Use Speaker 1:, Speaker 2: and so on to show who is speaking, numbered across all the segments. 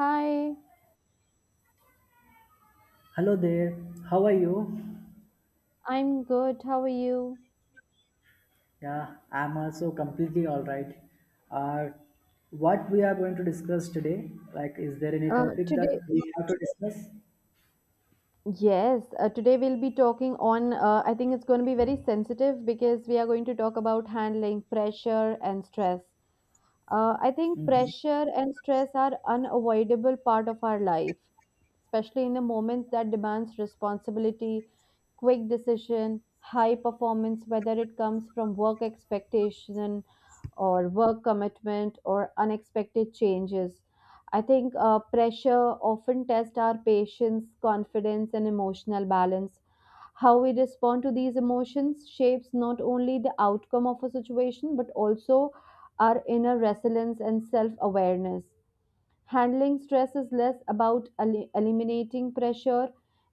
Speaker 1: Hi,
Speaker 2: Hello there, how are you?
Speaker 1: I'm good. How are you?
Speaker 2: Yeah, I'm also completely alright. Uh, what we are going to discuss today, like, is there any
Speaker 1: Uh,
Speaker 2: topic that
Speaker 1: today,
Speaker 2: we have to discuss?
Speaker 1: yes, today we'll be talking on. I think it's going to be very sensitive because we are going to talk about handling pressure and stress. I think pressure and stress are unavoidable part of our life, especially in a moment that demands responsibility, quick decision, high performance, whether it comes from work expectation or work commitment or unexpected changes. I think pressure often tests our patience, confidence, and emotional balance. How we respond to these emotions shapes not only the outcome of a situation but also our inner resilience and self awareness. Handling stress is less about eliminating pressure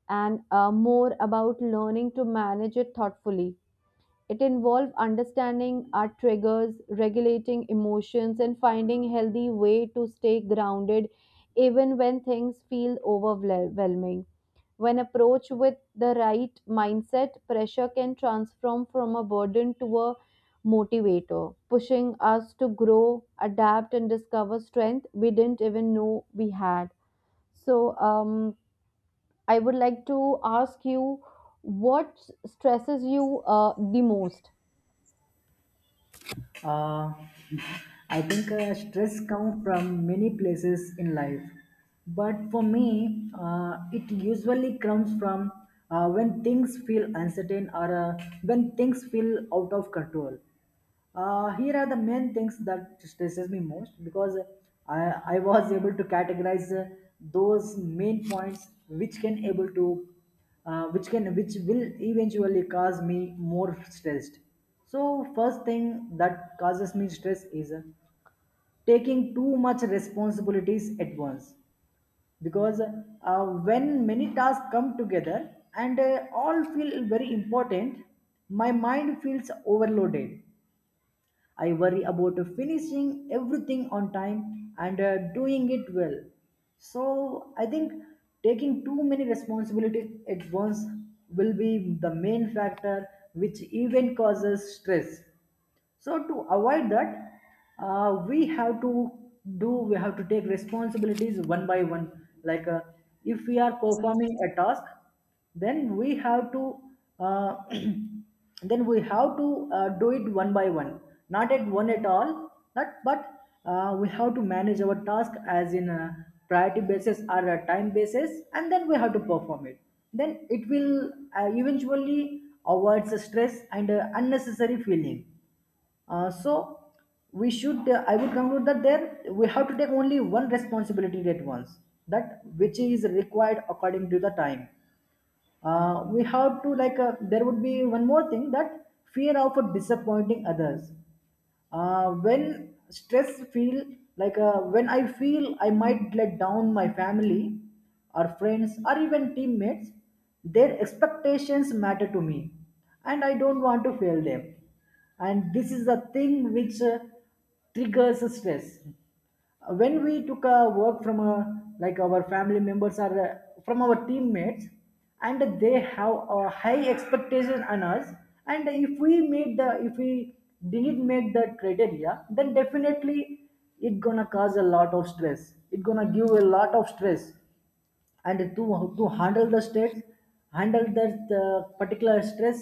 Speaker 1: and more about learning to manage it thoughtfully. It involves understanding our triggers, regulating emotions, and finding healthy way to stay grounded even when things feel overwhelming. When approached with the right mindset, pressure can transform from a burden to a motivator, pushing us to grow, adapt, and discover strength we didn't even know we had. So, I would like to ask you what stresses you the most?
Speaker 2: Uh, I think stress comes from many places in life, but for me, it usually comes from when things feel uncertain or when things feel out of control. Here are the main things that stresses me most because I was able to categorize those main points which can able to which will eventually cause me more stressed. So first thing that causes me stress is taking too much responsibilities at once because when many tasks come together and all feel very important, my mind feels overloaded. I worry about finishing everything on time and doing it well. So I think taking too many responsibilities at once will be the main factor which even causes stress. So to avoid that, we have to take responsibilities one by one, like if we are performing a task, then we have to uh, then we have to do it one by one, not at one at all. Not, but we have to manage our task as in a priority basis or a time basis, and then we have to perform it. Then it will eventually avoids the stress and unnecessary feeling. So we should I would conclude that there we have to take only one responsibility at once, that which is required according to the time. We have to, like there would be one more thing, that fear of disappointing others. When stress feel, like, when I feel I might let down my family or friends or even teammates, their expectations matter to me and I don't want to fail them. And this is the thing which triggers stress. When we took a work from a, like our family members or from our teammates, and they have a high expectation on us, and if we made the if we didn't make that criteria, then definitely it gonna cause a lot of stress, it gonna give a lot of stress. And to handle the stress, handle that particular stress,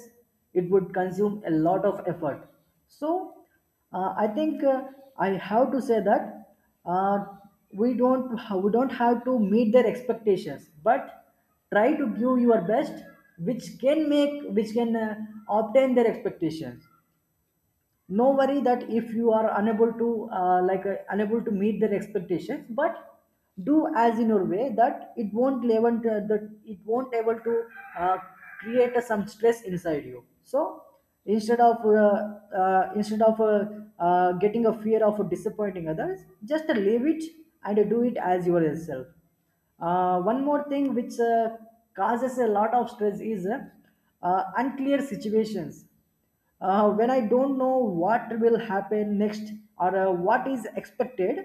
Speaker 2: it would consume a lot of effort. So I think I have to say that uh, we don't we don't have to meet their expectations, but try to give your best, which can make, which can obtain their expectations. No worry that if you are unable to, like, unable to meet their expectations, but do as in your way, that it won't that it won't able to uh, create a, some stress inside you. So instead of getting a fear of disappointing others, just leave it and do it as yourself. One more thing which causes a lot of stress is unclear situations. When I don't know what will happen next, or what is expected,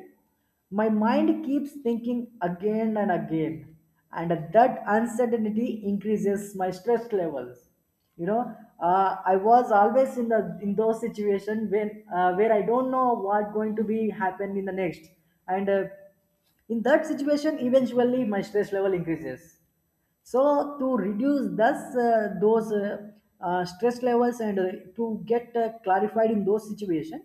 Speaker 2: my mind keeps thinking again and again, and that uncertainty increases my stress levels. You know, I was always in the in those situations when where I don't know what going to be happen in the next, and in that situation, eventually my stress level increases. So to reduce thus those stress levels, and to get clarified in those situations,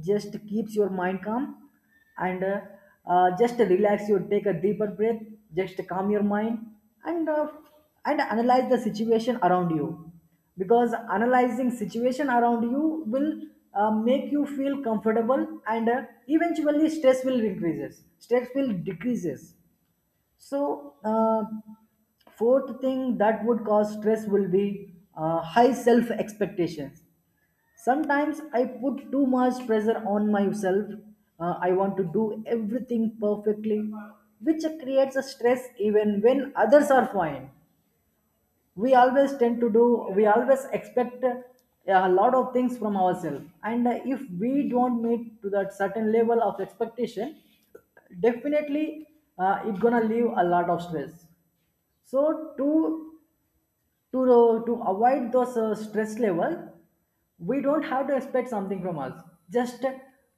Speaker 2: just keeps your mind calm, and just relax, you take a deeper breath, just calm your mind, and uh, and analyze the situation around you, because analyzing situation around you will make you feel comfortable, and eventually stress will decreases. So, fourth thing that would cause stress will be high self expectations. Sometimes I put too much pressure on myself. I want to do everything perfectly, which creates a stress even when others are fine. We always tend to do, we always expect a lot of things from ourselves. And if we don't meet to that certain level of expectation, definitely it's gonna leave a lot of stress. So to to avoid those stress level, we don't have to expect something from us. Just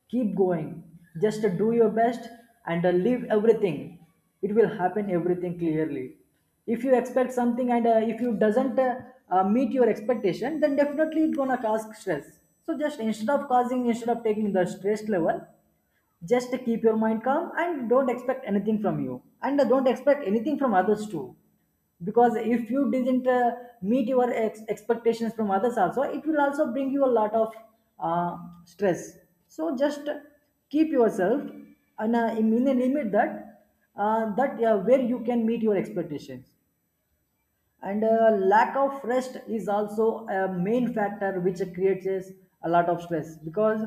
Speaker 2: keep going. Just do your best, and leave everything. It will happen everything clearly. If you expect something, and if you doesn't meet your expectation, then definitely it's gonna cause stress. So just instead of causing, instead of taking the stress level, just keep your mind calm and don't expect anything from you. And don't expect anything from others too. Because if you didn't meet your expectations from others also, it will also bring you a lot of uh, stress. So just keep yourself and, in a limit that where you can meet your expectations. And lack of rest is also a main factor which creates is a lot of stress, because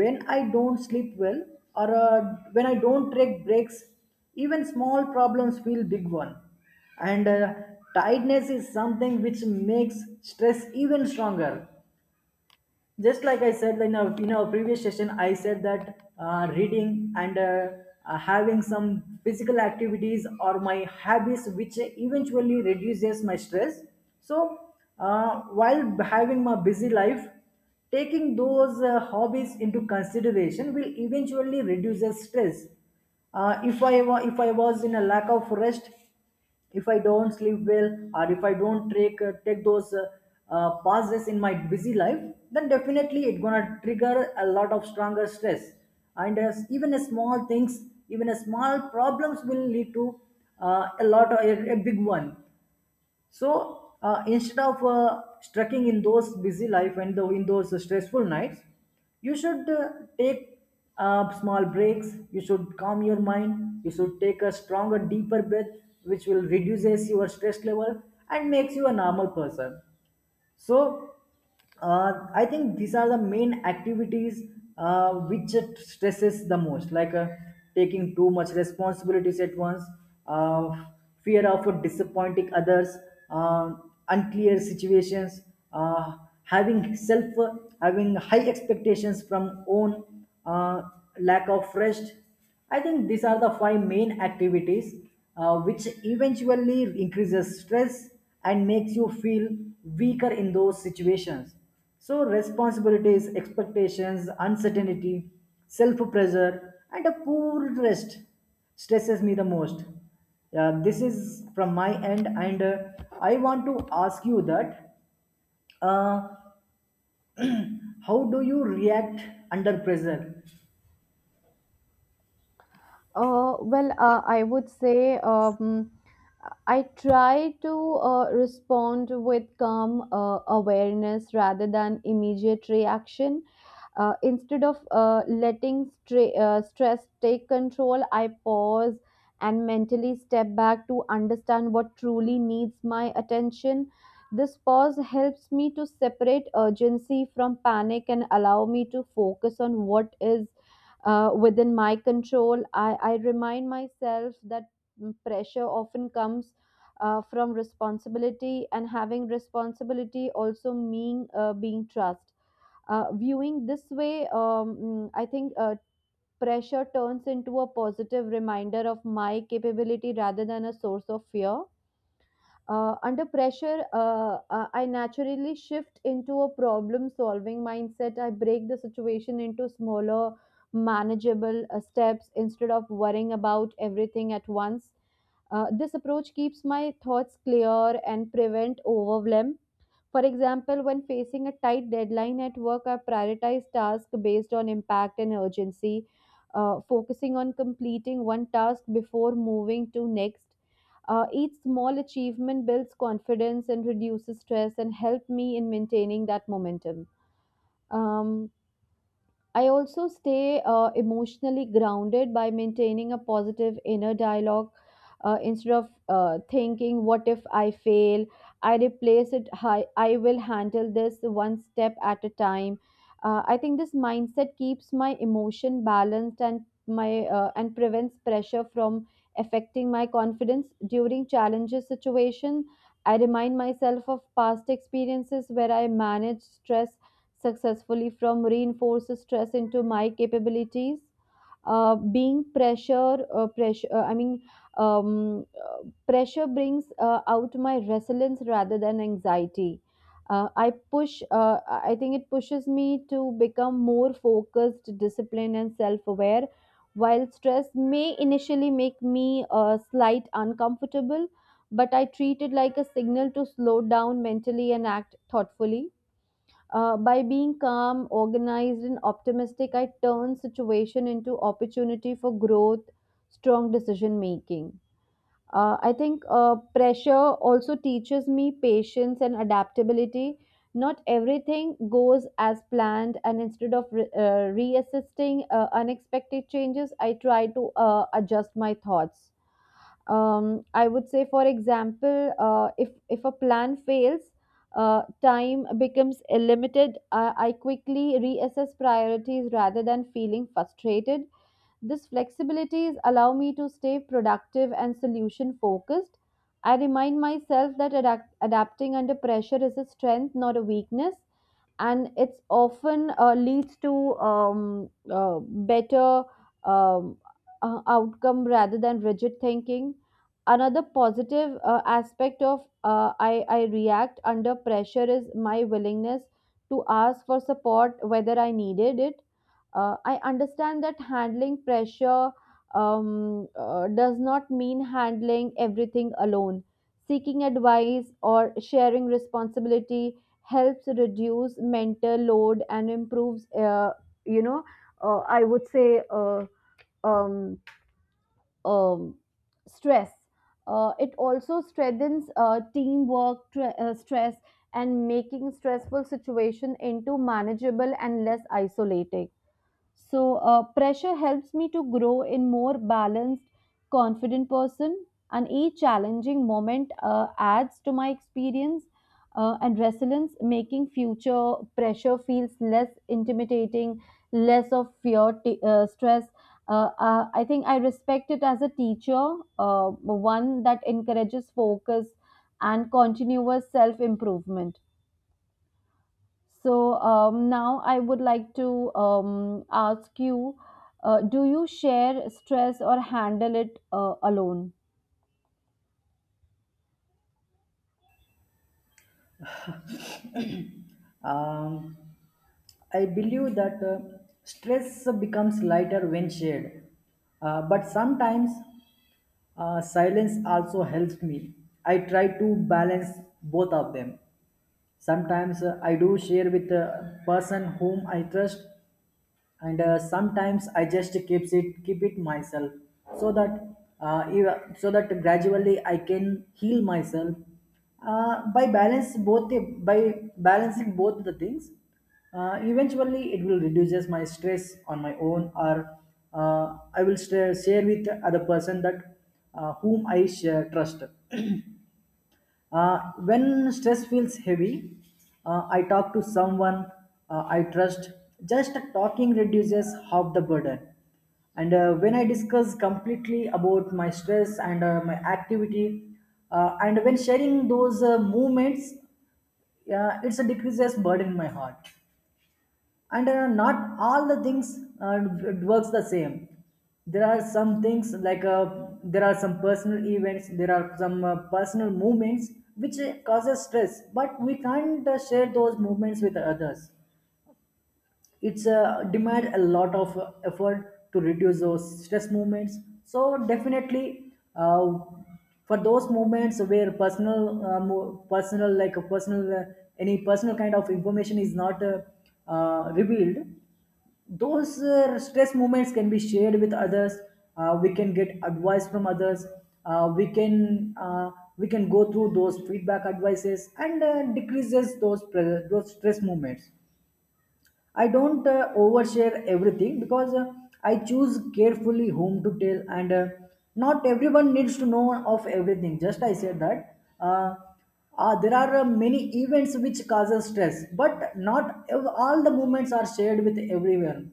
Speaker 2: when I don't sleep well, or when I don't take breaks, even small problems feel big one. And tiredness is something which makes stress even stronger. Just like I said in our previous session, I said that reading, and having some physical activities are my habits, which eventually reduces my stress. So while having my busy life, taking those hobbies into consideration will eventually reduce the stress. If I if I was in a lack of rest, if I don't sleep well, or if I don't take take those pauses in my busy life, then definitely it gonna trigger a lot of stronger stress, and as even a small things, even a small problems will lead to a lot of a big one. So instead of struggling in those busy life and the in those stressful nights, you should take small breaks. You should calm your mind. You should take a stronger, deeper breath, which will reduces your stress level and makes you a normal person. So I think these are the main activities which it stresses the most, like taking too much responsibilities at once, uh, fear of disappointing others, uh, unclear situations, uh, having self, having high expectations from own, lack of rest. I think these are the five main activities which eventually increases stress and makes you feel weaker in those situations. So responsibilities, expectations, uncertainty, self-pressure, and a poor rest stresses me the most. Yeah, this is from my end, and I want to ask you that uh, how do you react under pressure?
Speaker 1: Well, I would say I try to respond with calm awareness rather than immediate reaction. Instead of letting stress take control, I pause and mentally step back to understand what truly needs my attention. This pause helps me to separate urgency from panic and allow me to focus on what is within my control. I remind myself that pressure often comes from responsibility, and having responsibility also mean being trust. Viewing this way, I think pressure turns into a positive reminder of my capability rather than a source of fear. Under pressure, I naturally shift into a problem solving mindset. I break the situation into smaller, manageable steps instead of worrying about everything at once. This approach keeps my thoughts clear and prevent overwhelm. For example, when facing a tight deadline at work, I prioritize tasks based on impact and urgency, focusing on completing one task before moving to next. Each small achievement builds confidence and reduces stress and help me in maintaining that momentum. Um, I also stay emotionally grounded by maintaining a positive inner dialogue. Instead of thinking, what if I fail? I replace it, hi, I will handle this one step at a time. I think this mindset keeps my emotion balanced and my and prevents pressure from affecting my confidence during challenges situation. I remind myself of past experiences where I managed stress successfully from reinforced stress into my capabilities. Uh, being pressure pressure I mean um, uh, Pressure brings out my resilience rather than anxiety. Uh, i push uh, i think it pushes me to become more focused, disciplined, and self-aware. While stress may initially make me slight uncomfortable, but I treat it like a signal to slow down mentally and act thoughtfully. By being calm, organized, and optimistic, I turn situation into opportunity for growth, strong decision making. I think pressure also teaches me patience and adaptability. Not everything goes as planned, and instead of reassisting unexpected changes, I try to adjust my thoughts. I would say, for example, if a plan fails, time becomes limited. I quickly reassess priorities rather than feeling frustrated. These flexibilities allow me to stay productive and solution focused. I remind myself that adapting under pressure is a strength, not a weakness, and it's often leads to better um, outcome rather than rigid thinking. Another positive aspect of I react under pressure is my willingness to ask for support whether I needed it. I understand that handling pressure does not mean handling everything alone. Seeking advice or sharing responsibility helps reduce mental load and improves, you know I would say um, um, stress. It also strengthens teamwork, stress, and making stressful situation into manageable and less isolating. So, pressure helps me to grow in more balanced, confident person, and each challenging moment adds to my experience and resilience, making future pressure feels less intimidating, less of fear, stress. I think I respect it as a teacher, one that encourages focus and continuous self improvement. So now I would like to ask you, do you share stress or handle it alone?
Speaker 2: Um, I believe that stress becomes lighter when shared. But sometimes silence also helps me. I try to balance both of them. Sometimes I do share with a person whom I trust, and sometimes I just keep it myself, so that so that gradually I can heal myself by balancing both the things. Eventually it will reduces my stress on my own, or I will share with other person that whom I share, trust. When stress feels heavy, I talk to someone I trust. Just talking reduces half the burden. And when I discuss completely about my stress and my activity, and when sharing those movements, it's a decreases burden in my heart. And not all the things it works the same. There are some things, like, there are some personal events, there are some personal movements which causes stress, but we can't share those movements with others. It's demand a lot of effort to reduce those stress movements. So definitely for those movements where personal mo- personal like a personal any personal kind of information is not revealed, those stress moments can be shared with others. We can get advice from others. We can we can go through those feedback advices and decreases those those stress moments. I don't overshare everything, because I choose carefully whom to tell, and not everyone needs to know of everything. Just I said that. There are many events which causes stress, but not all the moments are shared with everyone.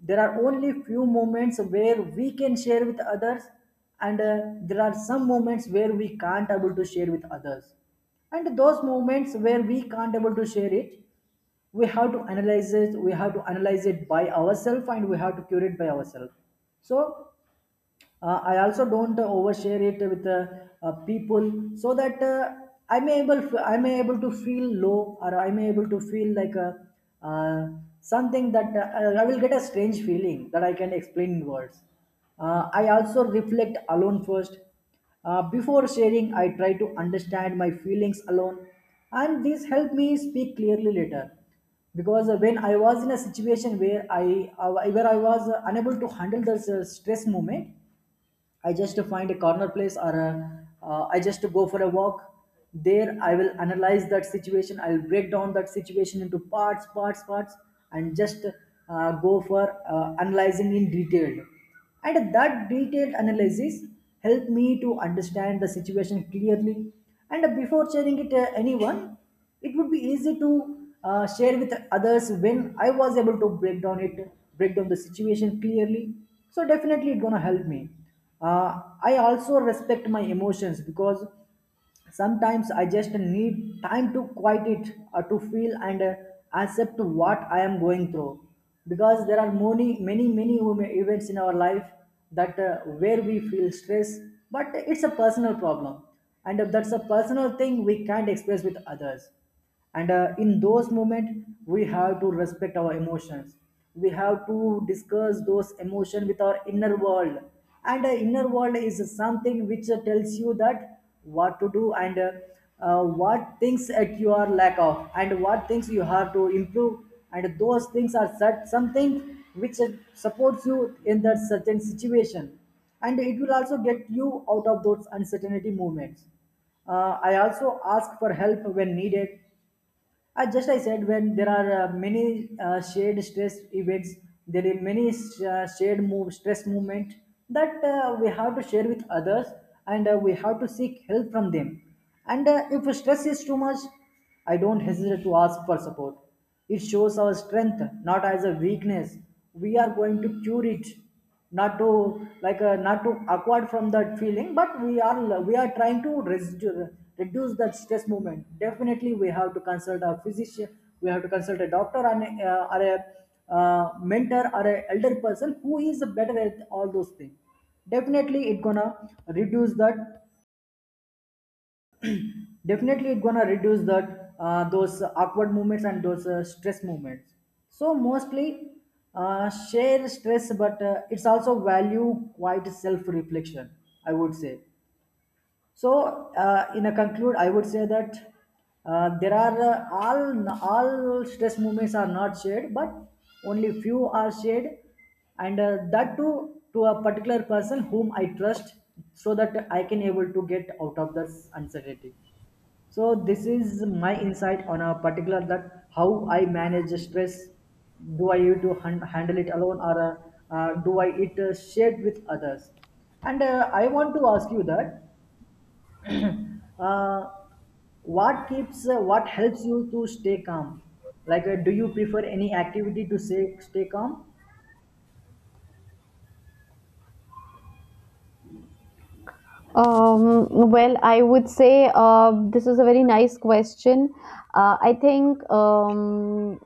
Speaker 2: There are only few moments where we can share with others, and there are some moments where we can't able to share with others, and those moments where we can't able to share it, we have to analyze it, by ourselves, and we have to cure it by ourselves. So I also don't overshare it with people, so that I may able, I may able to feel low, or I may able to feel like a uh, something that I will get a strange feeling that I can explain in words. I also reflect alone first. Before sharing, I try to understand my feelings alone, and this helped me speak clearly later. Because when I was in a situation where I uh, where I was unable to handle the stress moment, I just find a corner place or a, I just go for a walk. There, I will analyze that situation. I will break down that situation into parts, parts, parts, and just go for analyzing in detail. And that detailed analysis helped me to understand the situation clearly. And before sharing it anyone, it would be easy to share with others when I was able to break down it, break down the situation clearly. So definitely it's gonna help me. uh, I also respect my emotions, because sometimes I just need time to quiet it, to feel and accept what I am going through. Because there are many, many, many events in our life that where we feel stress, but it's a personal problem, and that's a personal thing we can't express with others. And in those moments, we have to respect our emotions. We have to discuss those emotions with our inner world, and the inner world is something which tells you that what to do, and what things at you are lack of, and what things you have to improve. And those things are such something which supports you in that certain situation, and it will also get you out of those uncertainty moments. I also ask for help when needed. Just I said, when there are many shared stress events, there are many shared move, stress movement that we have to share with others, and we have to seek help from them. And if stress is too much, I don't hesitate to ask for support. It shows our strength, not as a weakness. We are going to cure it, not to, like, not to acquired from that feeling, but we are trying to reduce, reduce that stress movement. Definitely we have to consult a physician, we have to consult a doctor, and or a mentor or a elder person who is better at all those things. Definitely it gonna reduce that. Definitely it gonna reduce that those awkward movements and those stress movements. So mostly share stress, but it's also value quite self reflection, I would say. So in a conclude I would say that there are all stress movements are not shared, but only few are shared, and that too to a particular person whom I trust, so that I can able to get out of this uncertainty. So this is my insight on a particular that how I manage the stress. Do I need to handle it alone, or do I it shared with others? And I want to ask you that uh, what keeps what helps you to stay calm? Like, do you prefer any activity to say stay calm?
Speaker 1: Well, I would say this is a very nice question. Uh, I think um,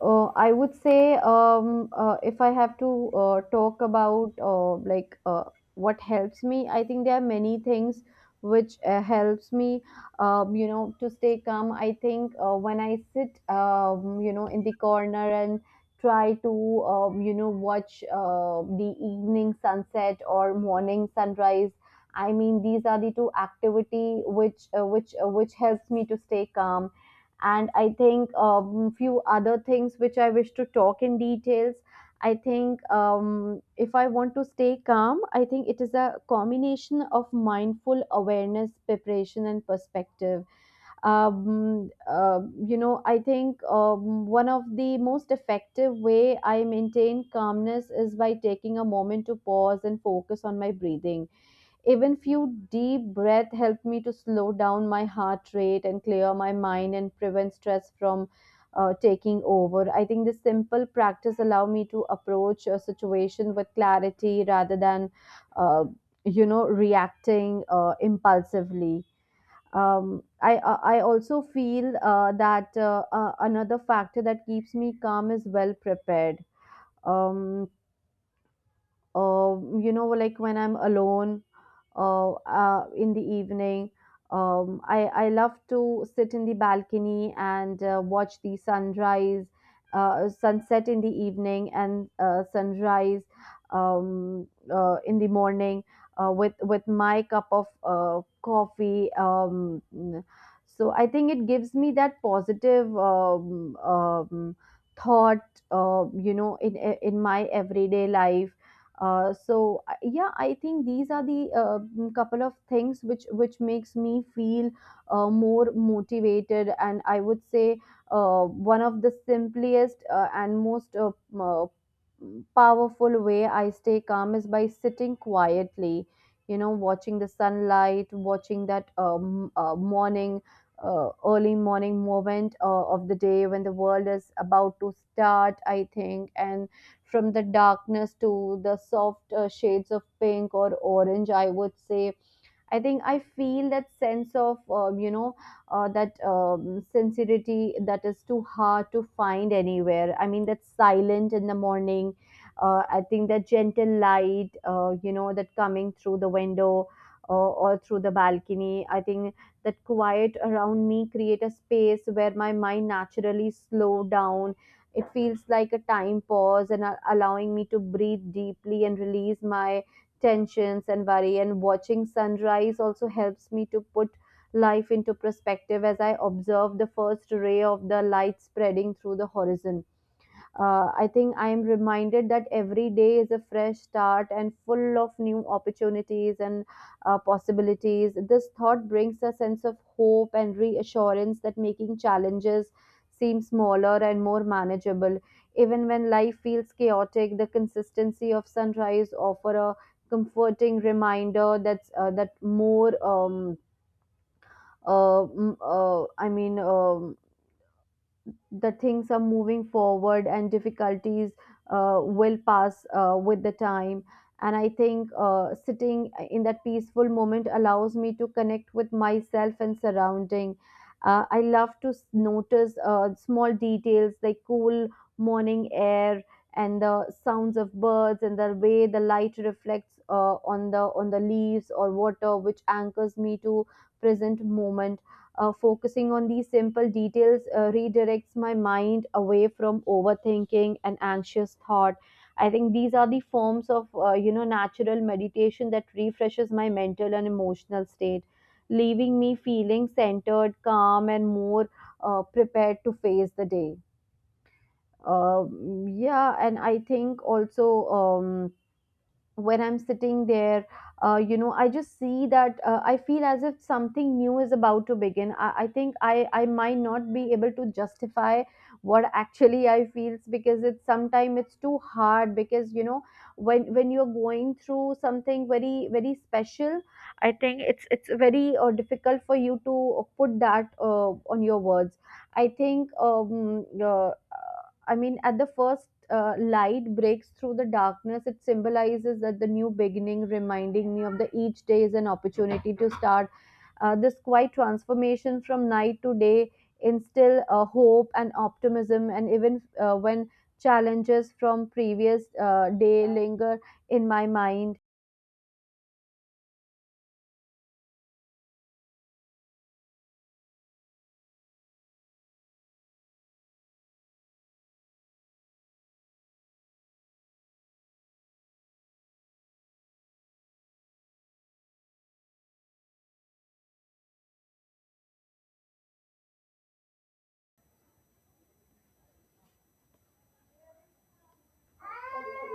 Speaker 1: I would say, if I have to talk about what helps me, I think there are many things which helps me, to stay calm. I think when I sit, in the corner and try to, watch the evening sunset or morning sunrise. I mean, these are the two activity which which helps me to stay calm. And I think few other things which I wish to talk in details. I think if I want to stay calm, I think it is a combination of mindful awareness, preparation, and perspective. Um, uh, you know I think one of the most effective way I maintain calmness is by taking a moment to pause and focus on my breathing. Even few deep breaths help me to slow down my heart rate and clear my mind and prevent stress from taking over. I think this simple practice allow me to approach a situation with clarity rather than, uh, reacting impulsively. I also feel that another factor that keeps me calm is well prepared. Um, uh, you know, like when I'm alone, in the evening, I love to sit in the balcony and watch the sunrise sunset in the evening and sunrise um, in the morning with my cup of coffee. Um, mm. so I think it gives me that positive thought, you know, in my everyday life. Yeah, I think these are the couple of things which makes me feel more motivated, and I would say one of the simplest and most powerful way I stay calm is by sitting quietly. You know, watching the sunlight, watching that morning, early morning moment of the day when the world is about to start. I think and from the darkness to the soft shades of pink or orange, I would say I think I feel that sense of, you know, that sincerity that is too hard to find anywhere. I mean, that silent in the morning. I think that gentle light, that coming through the window or through the balcony. I think that quiet around me create a space where my mind naturally slow down. It feels like a time pause and allowing me to breathe deeply and release my tensions and worry. And watching sunrise also helps me to put life into perspective. As I observe the first ray of the light spreading through the horizon, I think I am reminded that every day is a fresh start and full of new opportunities and possibilities. This thought brings a sense of hope and reassurance that making challenges seem smaller and more manageable. Even when life feels chaotic, the consistency of sunrise offer a comforting reminder that's that more mm, I mean the things are moving forward and difficulties will pass with the time. And I think sitting in that peaceful moment allows me to connect with myself and surrounding. I love to notice small details like cool morning air and the sounds of birds and the way the light reflects on the leaves or water, which anchors me to present moment. Focusing on these simple details redirects my mind away from overthinking and anxious thought. I think these are the forms of natural meditation that refreshes my mental and emotional state, leaving me feeling centered, calm and more prepared to face the day. Um yeah, and I think also, um, when I'm sitting there, I just see that, I feel as if something new is about to begin. I think I might not be able to justify what actually I feel, because it's sometimes it's too hard, because you know, when you're going through something very very special, I think it's very difficult for you to put that on your words. i think um, uh, I mean, at the first light breaks through the darkness, it symbolizes that the new beginning, reminding me of the each day is an opportunity to start. This quiet transformation from night to day instill hope and optimism, and even when challenges from previous day linger in my mind.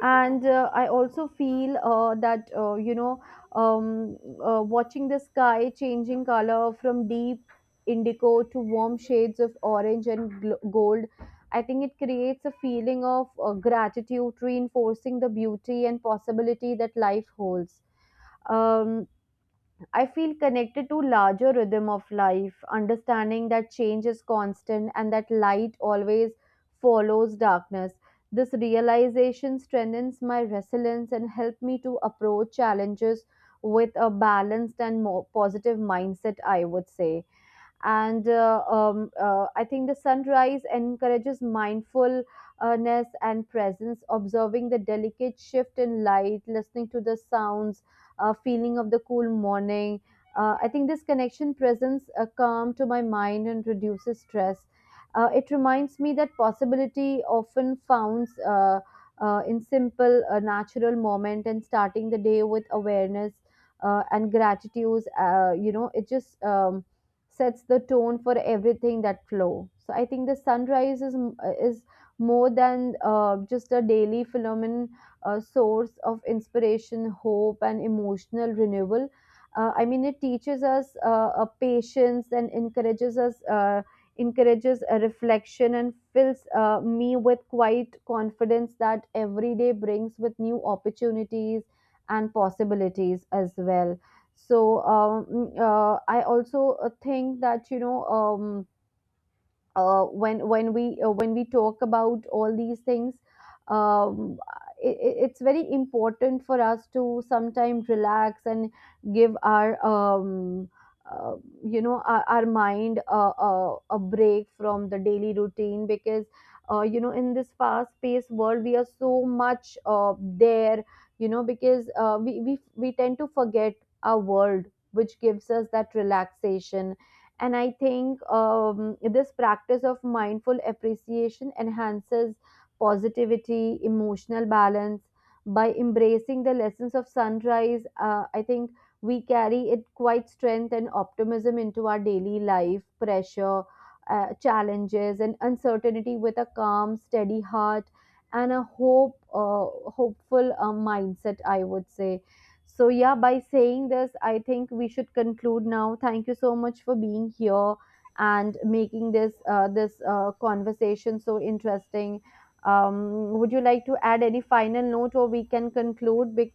Speaker 1: And I also feel that you know um, watching the sky changing color from deep indigo to warm shades of orange and gold, I think it creates a feeling of gratitude, reinforcing the beauty and possibility that life holds. um, I feel connected to larger rhythm of life, understanding that change is constant and that light always follows darkness. This realization strengthens my resilience and helps me to approach challenges with a balanced and more positive mindset, I would say. And I think the sunrise encourages mindfulness and presence, observing the delicate shift in light, listening to the sounds, feeling of the cool morning. I think this connection presents a calm to my mind and reduces stress. It reminds me that possibility often founds in simple natural moment, and starting the day with awareness and gratitude, it just sets the tone for everything that flow. So I think the sunrise is more than just a daily phenomenon, source of inspiration, hope, and emotional renewal. I mean, it teaches us a patience and encourages us. Encourages a reflection and fills me with quite confidence that every day brings with new opportunities and possibilities as well. So I also think that you know, when when we talk about all these things, um, it, it's very important for us to sometimes relax and give our uh, you know, our mind a break from the daily routine, because you know, in this fast paced world we are so much there, you know, because we tend to forget our world which gives us that relaxation. And I think this practice of mindful appreciation enhances positivity, emotional balance. By embracing the lessons of sunrise, I think we carry it quite strength and optimism into our daily life pressure, challenges and uncertainty with a calm steady heart and a hope, hopeful mindset, I would say. So, yeah, by saying this, I think we should conclude now. Thank you so much for being here and making this conversation so interesting. Would you like to add any final note, or we can conclude? Bec-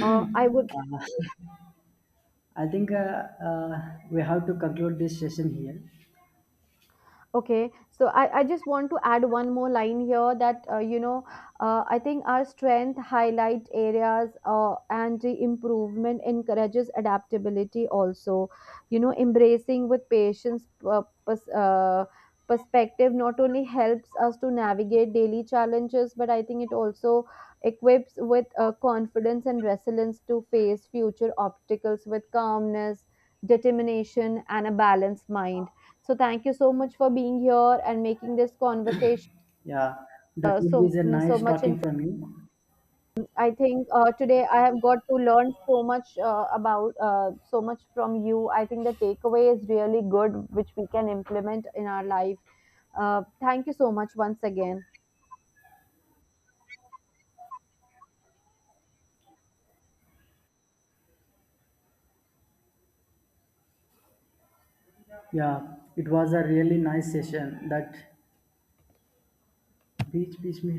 Speaker 1: uh, I would.
Speaker 2: I think we have to conclude this session here.
Speaker 1: Okay, so I just want to add one more line here that I think our strength highlight areas and the improvement encourages adaptability also, you know, embracing with patience, perspective not only helps us to navigate daily challenges, but I think it also equips with confidence and resilience to face future obstacles with calmness, determination and a balanced mind. So thank you so much for being here and making this conversation
Speaker 2: Yeah, that will be a
Speaker 1: so
Speaker 2: nice
Speaker 1: much
Speaker 2: talking
Speaker 1: interesting.
Speaker 2: from you.
Speaker 1: I think today I have got to learn so much about so much from you. I think the takeaway is really good, which we can implement in our life. Thank you so much once again.
Speaker 2: Yeah, it was a really nice session that बीच बीच में